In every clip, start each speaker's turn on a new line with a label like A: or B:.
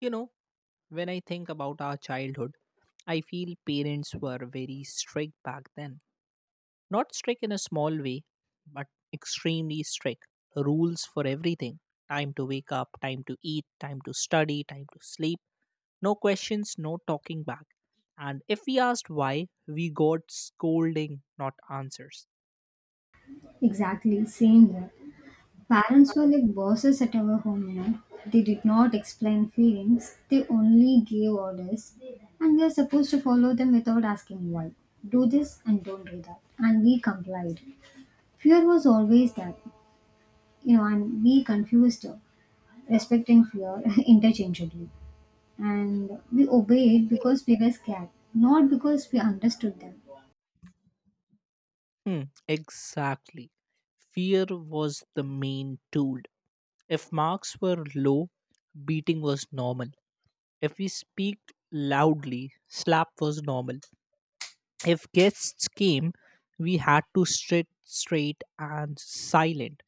A: You know, when I think about our childhood, I feel parents were very strict back then. Not strict in a small way, but extremely strict. Rules for everything: time to wake up, time to eat, time to study, time to sleep. No questions, no talking back. And if we asked why, we got scolding, not answers.
B: Exactly, same here. Parents were like bosses at our home. They did not explain feelings, they only gave orders, and we are supposed to follow them without asking why. Do this and don't do that. And we complied. Fear was always that, and we confused respect and fear interchangeably. And we obeyed because we were scared, not because we understood them.
A: Hmm, exactly. Fear was the main tool. If marks were low, beating was normal. If we speak loudly, slap was normal. If guests came, we had to sit straight and silent.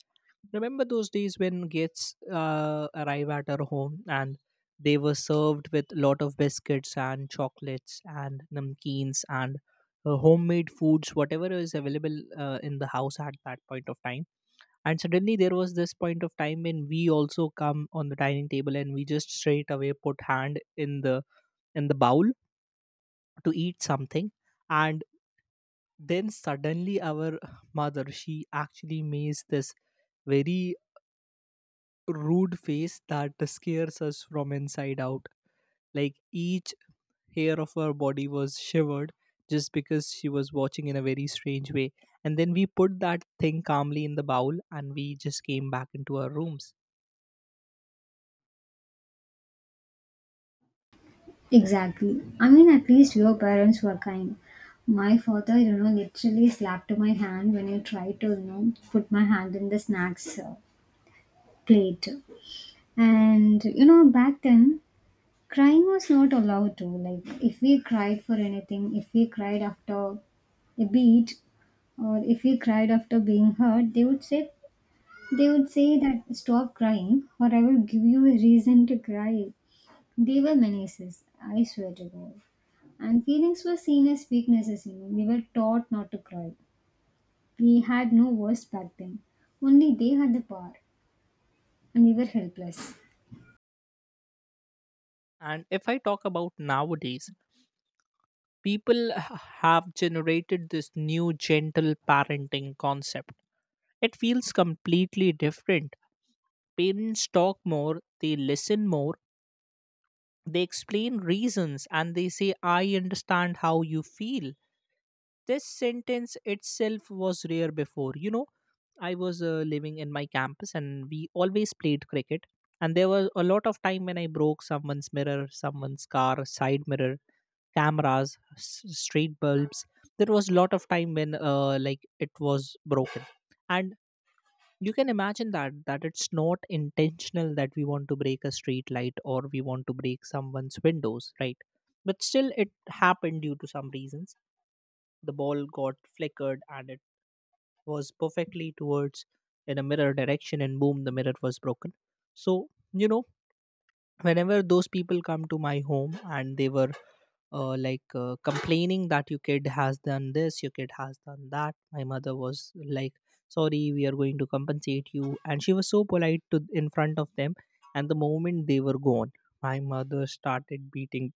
A: Remember those days when guests arrive at our home and they were served with lot of biscuits and chocolates and namkeens and homemade foods, whatever is available in the house at that point of time. And suddenly there was this point of time when we also come on the dining table and we just straight away put hand in the bowl to eat something, and then suddenly our mother, she actually makes this very rude face that scares us from inside out, like each hair of her body was shivered just because she was watching in a very strange way. And then we put that thing calmly in the bowl and we just came back into our rooms.
B: Exactly. I mean, at least your parents were kind. My father, literally slapped my hand when I tried to, put my hand in the snacks plate. And, back then, crying was not allowed to. Like, if we cried for anything, if we cried after a beat, or if we cried after being hurt, they would say that stop crying or I will give you a reason to cry. They were menaces, I swear to God. And feelings were seen as weaknesses. We were taught not to cry. We had no voice back then. Only they had the power, and we were helpless.
A: And if I talk about nowadays, people have generated this new gentle parenting concept. It feels completely different. Parents talk more, they listen more, they explain reasons, and they say, I understand how you feel. This sentence itself was rare before. You know, I was living in my campus and we always played cricket. And there was a lot of time when I broke someone's mirror, someone's car, side mirror, cameras, street bulbs. There was a lot of time when, like, it was broken, and you can imagine that it's not intentional that we want to break a street light or we want to break someone's windows, right? But still it happened due to some reasons. The ball got flickered and it was perfectly towards in a mirror direction, and boom, the mirror was broken. So, you know, whenever those people come to my home and they were like complaining that your kid has done this, your kid has done that, my mother was like, sorry we are going to compensate you, and she was so polite to in front of them. And the moment they were gone, my mother started beating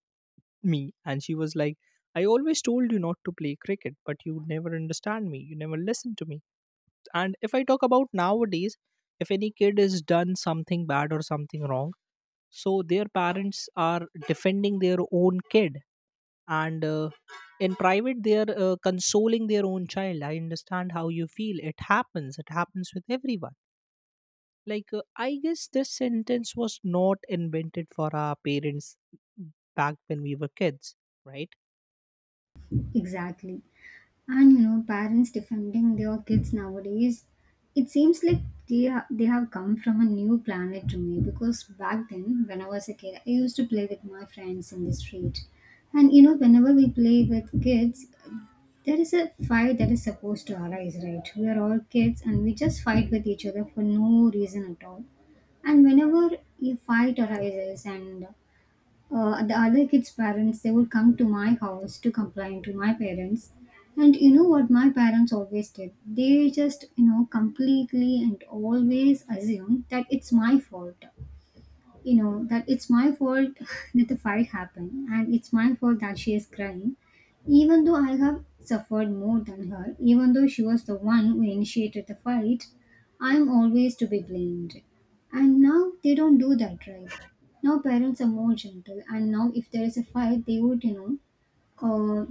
A: me and she was like, I always told you not to play cricket, but you never understand me, you never listen to me. And if I talk about nowadays, if any kid has done something bad or something wrong, so their parents are defending their own kid. And in private they are consoling their own child, I understand how you feel, it happens, it happens with everyone. Like, I guess this sentence was not invented for our parents back when we were kids, right?
B: Exactly. And parents defending their kids nowadays, it seems like they have come from a new planet to me. Because back then, when I was a kid, I used to play with my friends in the street, and whenever we play with kids, there is a fight that is supposed to arise, right? We are all kids and we just fight with each other for no reason at all. And whenever a fight arises and the other kids' parents, they would come to my house to complain to my parents. And you know what my parents always did? They just, completely and always assumed that it's my fault, that it's my fault that the fight happened, and it's my fault that she is crying, even though I have suffered more than her, even though she was the one who initiated the fight. I'm always to be blamed. And now they don't do that, right? Now parents are more gentle, and now if there is a fight, they would uh,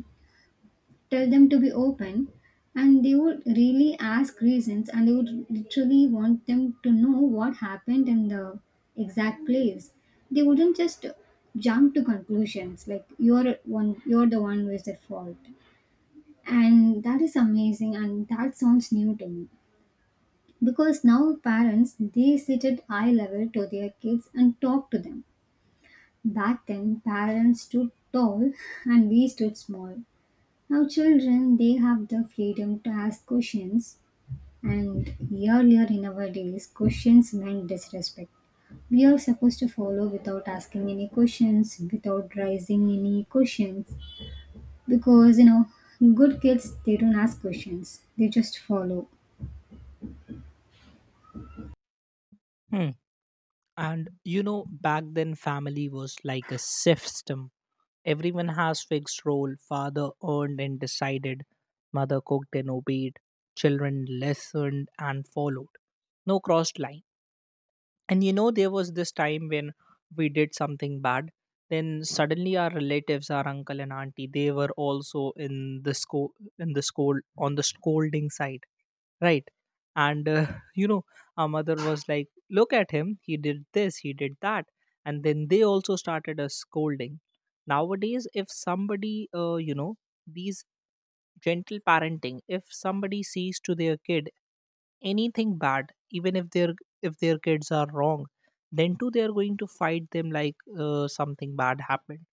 B: tell them to be open. And they would really ask reasons, and they would literally want them to know what happened in the exact place. They wouldn't just jump to conclusions like you're the one who is at fault. And that is amazing, and that sounds new to me. Because now parents, they sit at eye level to their kids and talk to them. Back then, parents stood tall and we stood small. Now, children, they have the freedom to ask questions, and earlier in our days, questions meant disrespect. We are supposed to follow without asking any questions, without raising any questions, because good kids, they don't ask questions, they just follow.
A: Hmm. And you know, back then family was like a system. Everyone has fixed role, father earned and decided, mother cooked and obeyed, children listened and followed. No crossed line. And you know there was this time when we did something bad, then suddenly our relatives, our uncle and auntie, they were also in the school on the scolding side, right? And you know, our mother was like, look at him, he did this, he did that. And then they also started us scolding. Nowadays, if somebody, these gentle parenting, if somebody sees to their kid anything bad, even if their kids are wrong, then too they are going to fight them. Like, something bad happened,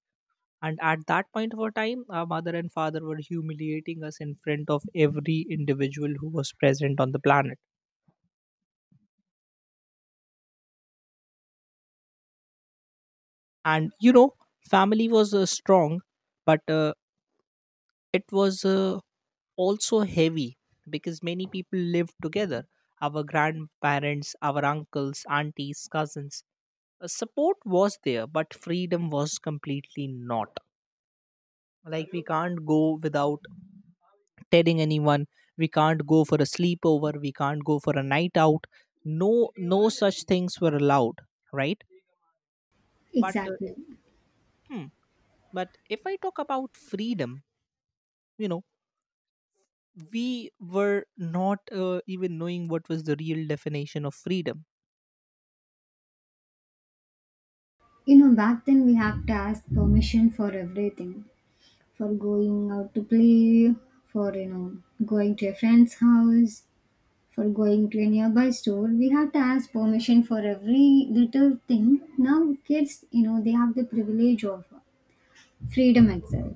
A: and at that point of our time our mother and father were humiliating us in front of every individual who was present on the planet. And you know, family was strong, but it was also heavy because many people lived together, our grandparents, our uncles, aunties, cousins. Support was there but freedom was completely not. Like, we can't go without telling anyone, we can't go for a sleepover, we can't go for a night out. No, no such things were allowed, right? but uh,
B: Exactly.
A: hmm, but if I talk about freedom, you know, we were not even knowing what was the real definition of freedom.
B: Back then we have to ask permission for everything, for going out to play, for going to a friend's house. For going to a nearby store, we have to ask permission for every little thing. Now, kids, they have the privilege of freedom itself.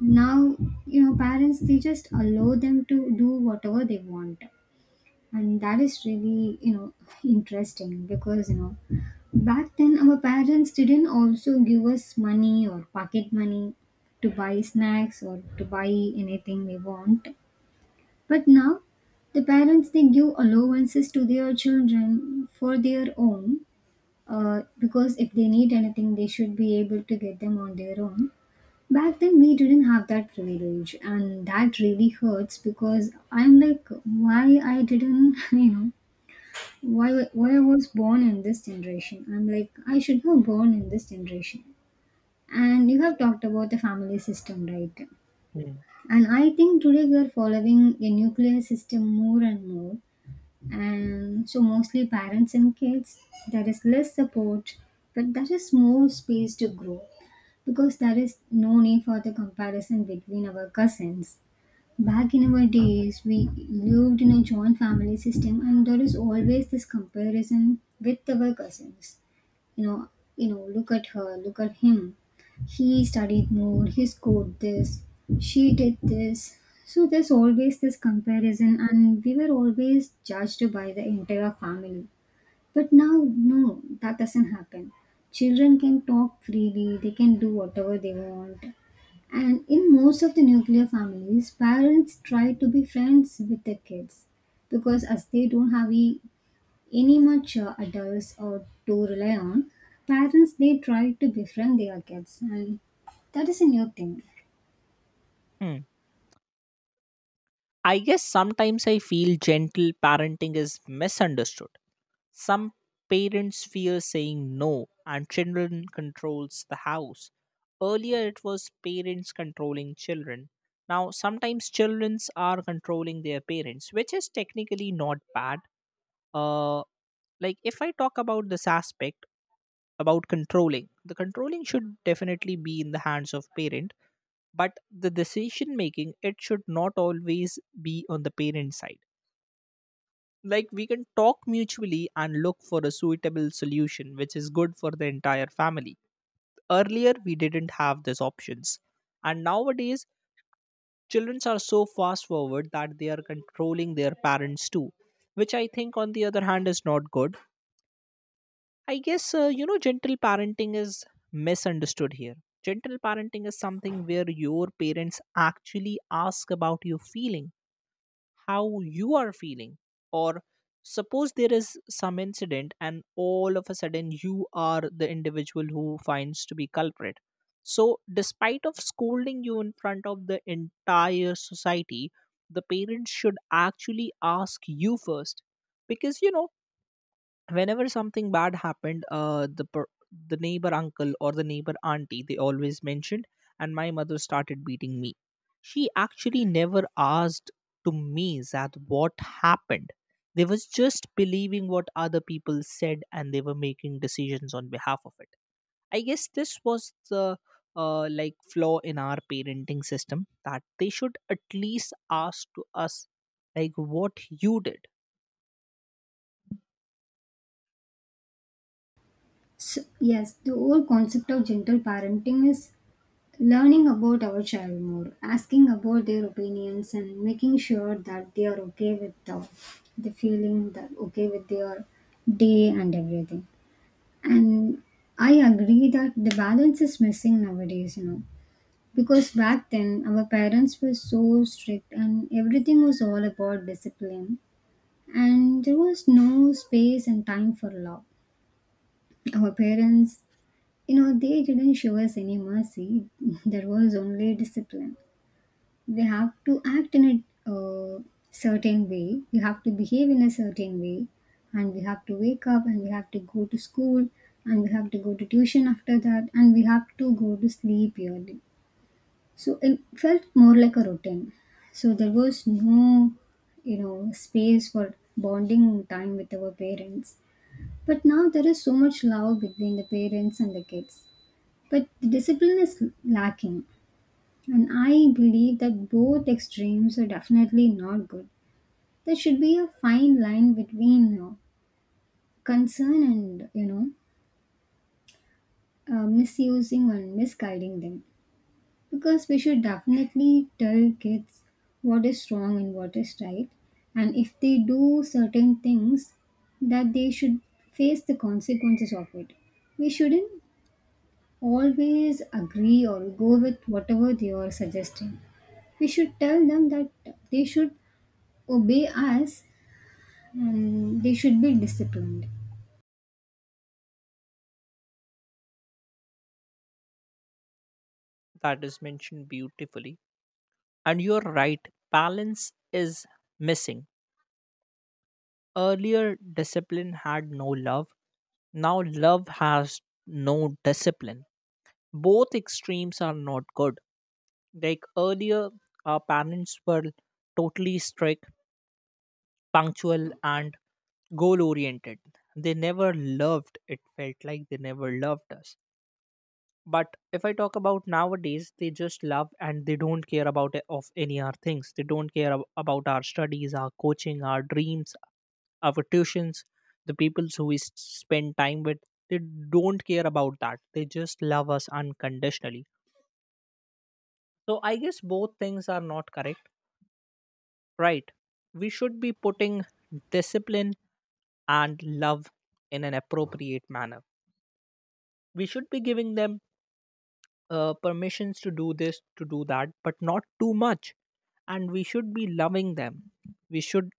B: Now, parents, they just allow them to do whatever they want. And that is really, interesting because, back then our parents didn't also give us money or pocket money to buy snacks or to buy anything we want. But now the parents, they give allowances to their children for their own, because if they need anything they should be able to get them on their own. Back then we didn't have that privilege, and that really hurts because I'm like, why I didn't why I was born in this generation. I'm like I should have born in this generation. And you have talked about the family system, right?
A: Hmm.
B: And I think today we are following a nuclear system more and more, and so mostly parents and kids, there is less support but there is more space to grow, because there is no need for the comparison between our cousins. Back in our days we lived in a joint family system and there is always this comparison with our cousins. you know Look at her, look at him. He studied more, he scored this, she did this. So there's always this comparison and we were always judged by the entire family. But now, no, that doesn't happen. Children can talk freely, they can do whatever they want. And in most of the nuclear families, parents try to be friends with their kids, because as they don't have a any much adults or to rely on, parents, they try to befriend their kids, and that is a new thing.
A: Hmm. I guess sometimes I feel gentle parenting is misunderstood. Some parents fear saying no, and children controls the house. Earlier, it was parents controlling children. Now, sometimes children are controlling their parents, which is technically not bad. Uh, like, if I talk about this aspect about controlling, the controlling should definitely be in the hands of parent, but the decision making, it should not always be on the parent side. Like, we can talk mutually and look for a suitable solution which is good for the entire family. Earlier, we didn't have these options, and nowadays children are so fast forward that they are controlling their parents too, which I think on the other hand is not good. I guess, you know, gentle parenting is misunderstood here. Gentle parenting is something where your parents actually ask about your feelings, how you are feeling. Or suppose there is some incident and all of a sudden you are the individual who finds to be culprit, so despite of scolding you in front of the entire society, the parents should actually ask you first. Because you know, whenever something bad happened, the neighbor uncle or the neighbor auntie, they always mentioned, and my mother started beating me. She actually never asked to me that what happened. They was just believing what other people said and they were making decisions on behalf of it. I guess this was the like flaw in our parenting system, that they should at least ask to us, like, what you did.
B: So, yes, the whole concept of gentle parenting is learning about our child more, asking about their opinions and making sure that they are okay with the feeling, that okay with their day and everything. And I agree that the balance is missing nowadays, you know. Because back then, our parents were so strict and everything was all about discipline. And there was no space and time for love. Our parents, they didn't show us any mercy. There was only discipline. We have to act in a certain way, we have to behave in a certain way, and we have to wake up and we have to go to school and we have to go to tuition after that and we have to go to sleep early, so it felt more like a routine. So there was no, space for bonding time with our parents. But now there is so much love between the parents and the kids. But the discipline is lacking. And I believe that both extremes are definitely not good. There should be a fine line between concern and, misusing and misguiding them. Because we should definitely tell kids what is wrong and what is right. And if they do certain things, that they should face the consequences of it. We shouldn't always agree or go with whatever they are suggesting. We should tell them that they should obey us and they should be disciplined.
A: That is mentioned beautifully. And you're right, balance is missing. Earlier, discipline had no love. Now, love has no discipline. Both extremes are not good. Like earlier, our parents were totally strict, punctual, and goal oriented. They never loved, it felt like they never loved us. But if I talk about nowadays, they just love and they don't care about, of any our things, they don't care about our studies, our coaching, our dreams, our tuitions, the people who we spend time with. They don't care about that, they just love us unconditionally. So I guess both things are not correct, right? We should be putting discipline and love in an appropriate manner. We should be giving them permissions to do this, to do that, but not too much. And we should be loving them. We should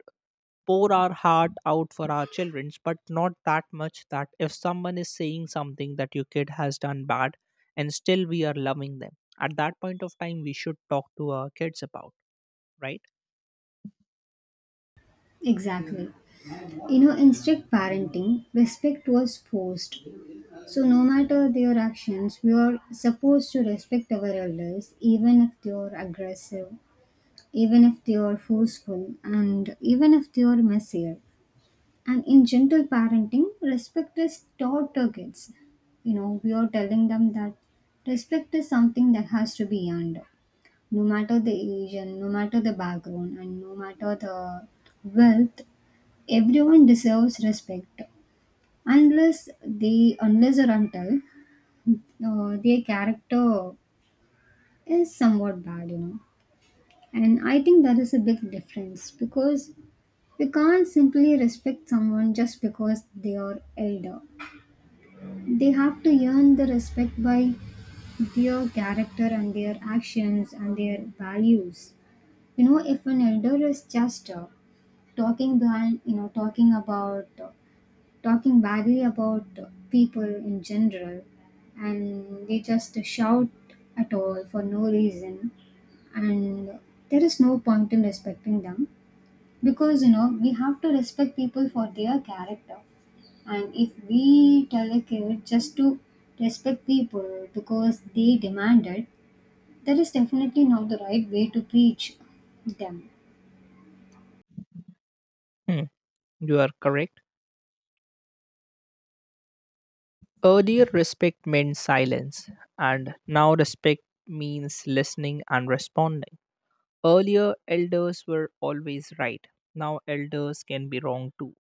A: pour our heart out for our children, but not that much that if someone is saying something that your kid has done bad and still we are loving them, at that point of time, we should talk to our kids about, right?
B: Exactly. You know, in strict parenting, respect was forced. So, no matter their actions, we are supposed to respect our elders, even if they are aggressive, even if they are forceful, and even if they are messier. And in gentle parenting, respect is taught to kids. We are telling them that respect is something that has to be earned, no matter the age and no matter the background and no matter the wealth. Everyone deserves respect unless or until their character is somewhat bad. And I think that is a big difference, because we can't simply respect someone just because they are elder. They have to earn the respect by their character and their actions and their values. If an elder is just talking behind, talking badly about people in general, and they just shout at all for no reason, and there is no point in respecting them, because we have to respect people for their character. And if we tell a kid just to respect people because they demand it, that is definitely not the right way to preach them.
A: Hmm, you are correct. Earlier, respect meant silence, and now respect means listening and responding. Earlier, elders were always right. Now, elders can be wrong too,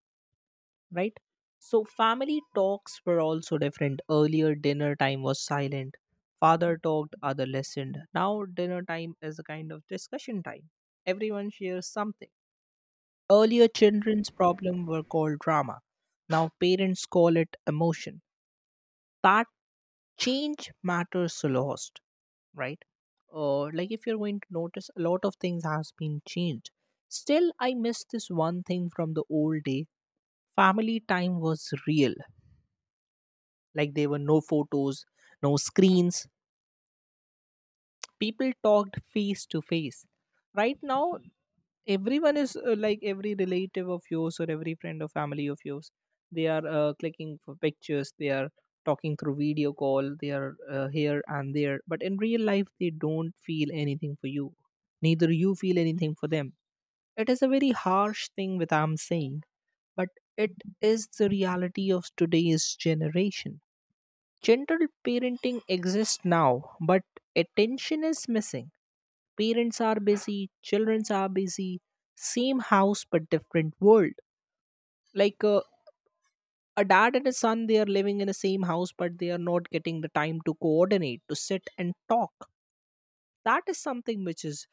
A: right? So family talks were also different. Earlier, dinner time was silent. Father talked, other listened. Now, dinner time is a kind of discussion time. Everyone shares something. Earlier, children's problem were called drama. Now, parents call it emotion. That change matters a lot, right? Like, if you're going to notice, a lot of things has been changed. Still, I miss this one thing from the old day. Family time was real. Like, there were no photos, no screens. People talked face to face. Right now, everyone is, like every relative of yours or every friend or family of yours. They are clicking for pictures. They are talking through video call. They are here and there. But in real life, they don't feel anything for you. Neither you feel anything for them. It is a very harsh thing that I'm saying, but it is the reality of today's generation. Gentle parenting exists now, but attention is missing. Parents are busy, children are busy, same house but different world. Like, a dad and a son, they are living in the same house, but they are not getting the time to coordinate, to sit and talk. That is something which is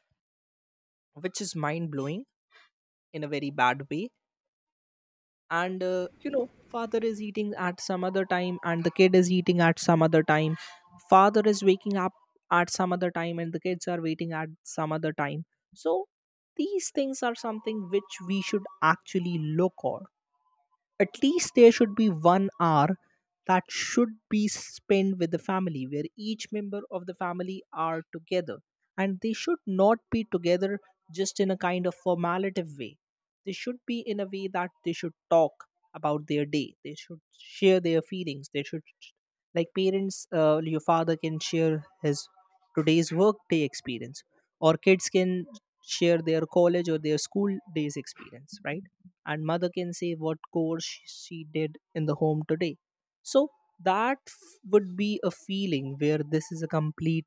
A: which is mind blowing in a very bad way. And you know, father is eating at some other time and the kid is eating at some other time. Father is waking up at some other time and the kids are waiting at some other time. So these things are something which we should actually look on. At least there should be 1 hour that should be spent with the family where each member of the family are together, and they should not be together just in a kind of formative way. They should be in a way that they should talk about their day, they should share their feelings, they should, like parents, your father can share his today's work day experience, or kids can share their college or their school days experience, right? And mother can say what chores she did in the home today. So that would be a feeling where this is a complete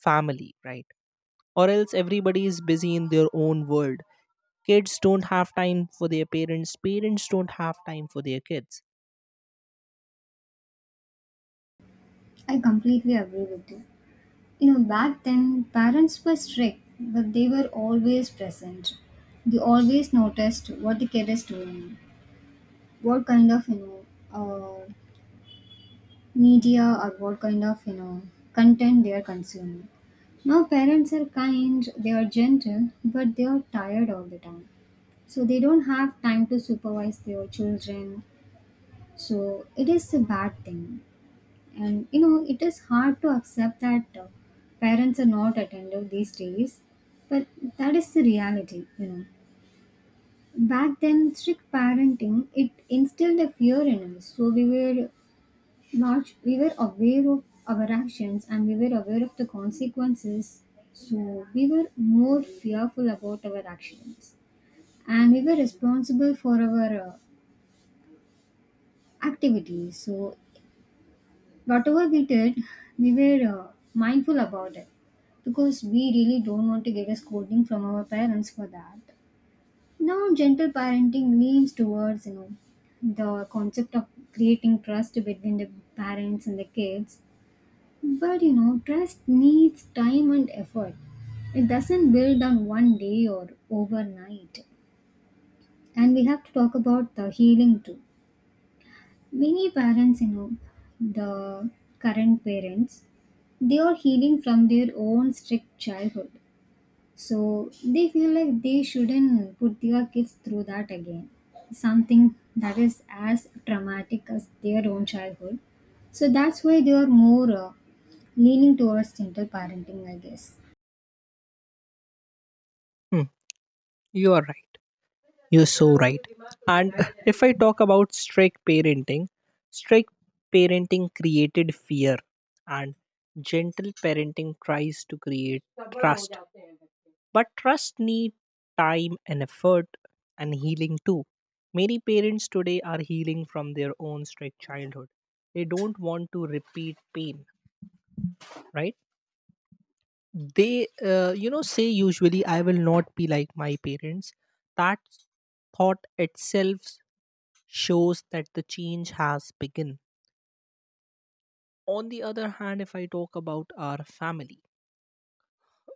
A: family, right? Or else everybody is busy in their own world. Kids don't have time for their parents, parents don't have time for their kids.
B: I completely agree with you. Back then, parents were strict, but they were always present. They always noticed what the kid is doing, what kind ofuh, media, or what kind of, content they are consuming. Now, parents are kind, they are gentle, but they are tired all the time. So, they don't have time to supervise their children. So, it is a bad thing. And it is hard to accept that parents are not attentive these days, but that is the reality. Back then, strict parenting, it instilled a fear in us, so we were large, we were aware of our actions and we were aware of the consequences. So we were more fearful about our actions, and we were responsible for our activities. So whatever we did, we were mindful about it, because we really don't want to get a scolding from our parents for that. Now, gentle parenting leans towards the concept of creating trust between the parents and the kids, but trust needs time and effort. It doesn't build on one day or overnight, and we have to talk about the healing too. Many parents, the current parents, they are healing from their own strict childhood. So they feel like they shouldn't put their kids through that again. Something that is as traumatic as their own childhood. So that's why they are more leaning towards gentle parenting, I guess.
A: Hmm, you are right. You're so right. And if I talk about strict parenting created fear, and gentle parenting tries to create trust. But trust needs time and effort and healing too. Many parents today are healing from their own strict childhood. They don't want to repeat pain, right? They, say usually, I will not be like my parents. That thought itself shows that the change has begun. On the other hand, if I talk about our family,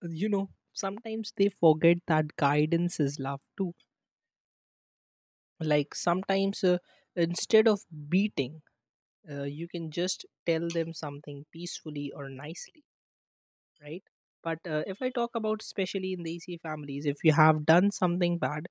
A: you know, sometimes they forget that guidance is love too. Like, sometimes, instead of beating, you can just tell them something peacefully or nicely, right? But if I talk about especially in the EC families, if you have done something bad,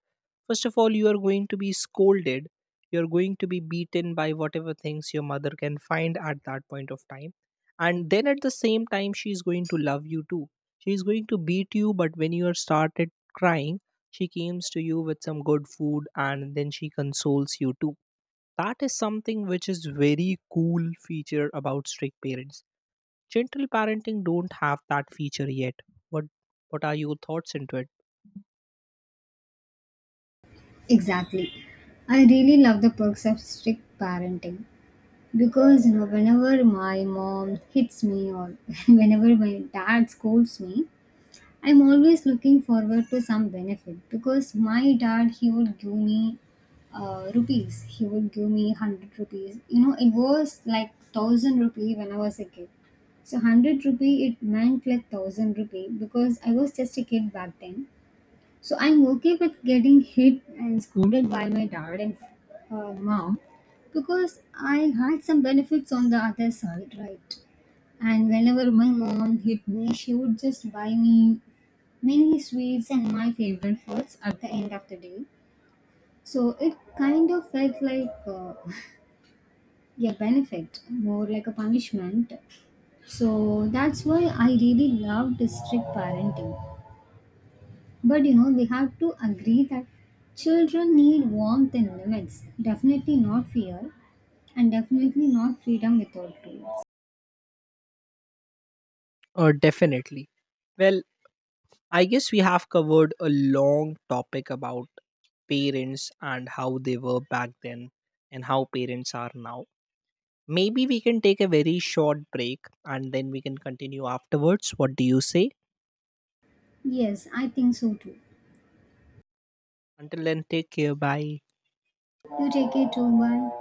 A: first of all, you are going to be scolded. You're going to be beaten by whatever things your mother can find at that point of time. And then at the same time, she's going to love you too. She's going to beat you, but when you are started crying, she comes to you with some good food and then she consoles you too. That is something which is very cool feature about strict parents. Gentle parenting don't have that feature yet. What what are your thoughts into it?
B: Exactly. I really love the perks of strict parenting. Because whenever my mom hits me, or whenever my dad scolds me, I'm always looking forward to some benefit. Because my dad, he would give me rupees. He would give me 100 rupees. It was like 1000 rupee when I was a kid. So 100 rupee, it meant like 1000 rupee, because I was just a kid back then. So I'm okay with getting hit and scolded by my dad and mom, because I had some benefits on the other side, right? And whenever my mom hit me, she would just buy me many sweets and my favorite foods at the end of the day. So it kind of felt like a benefit, more like a punishment. So that's why I really love strict parenting. But we have to agree that children need warmth and limits, definitely not fear, and definitely not freedom without rules.
A: Definitely. Well, I guess we have covered a long topic about parents and how they were back then and how parents are now. Maybe we can take a very short break and then we can continue afterwards. What do you say?
B: Yes, I think so too.
A: Until then, take care. Bye.
B: You take it too, bye.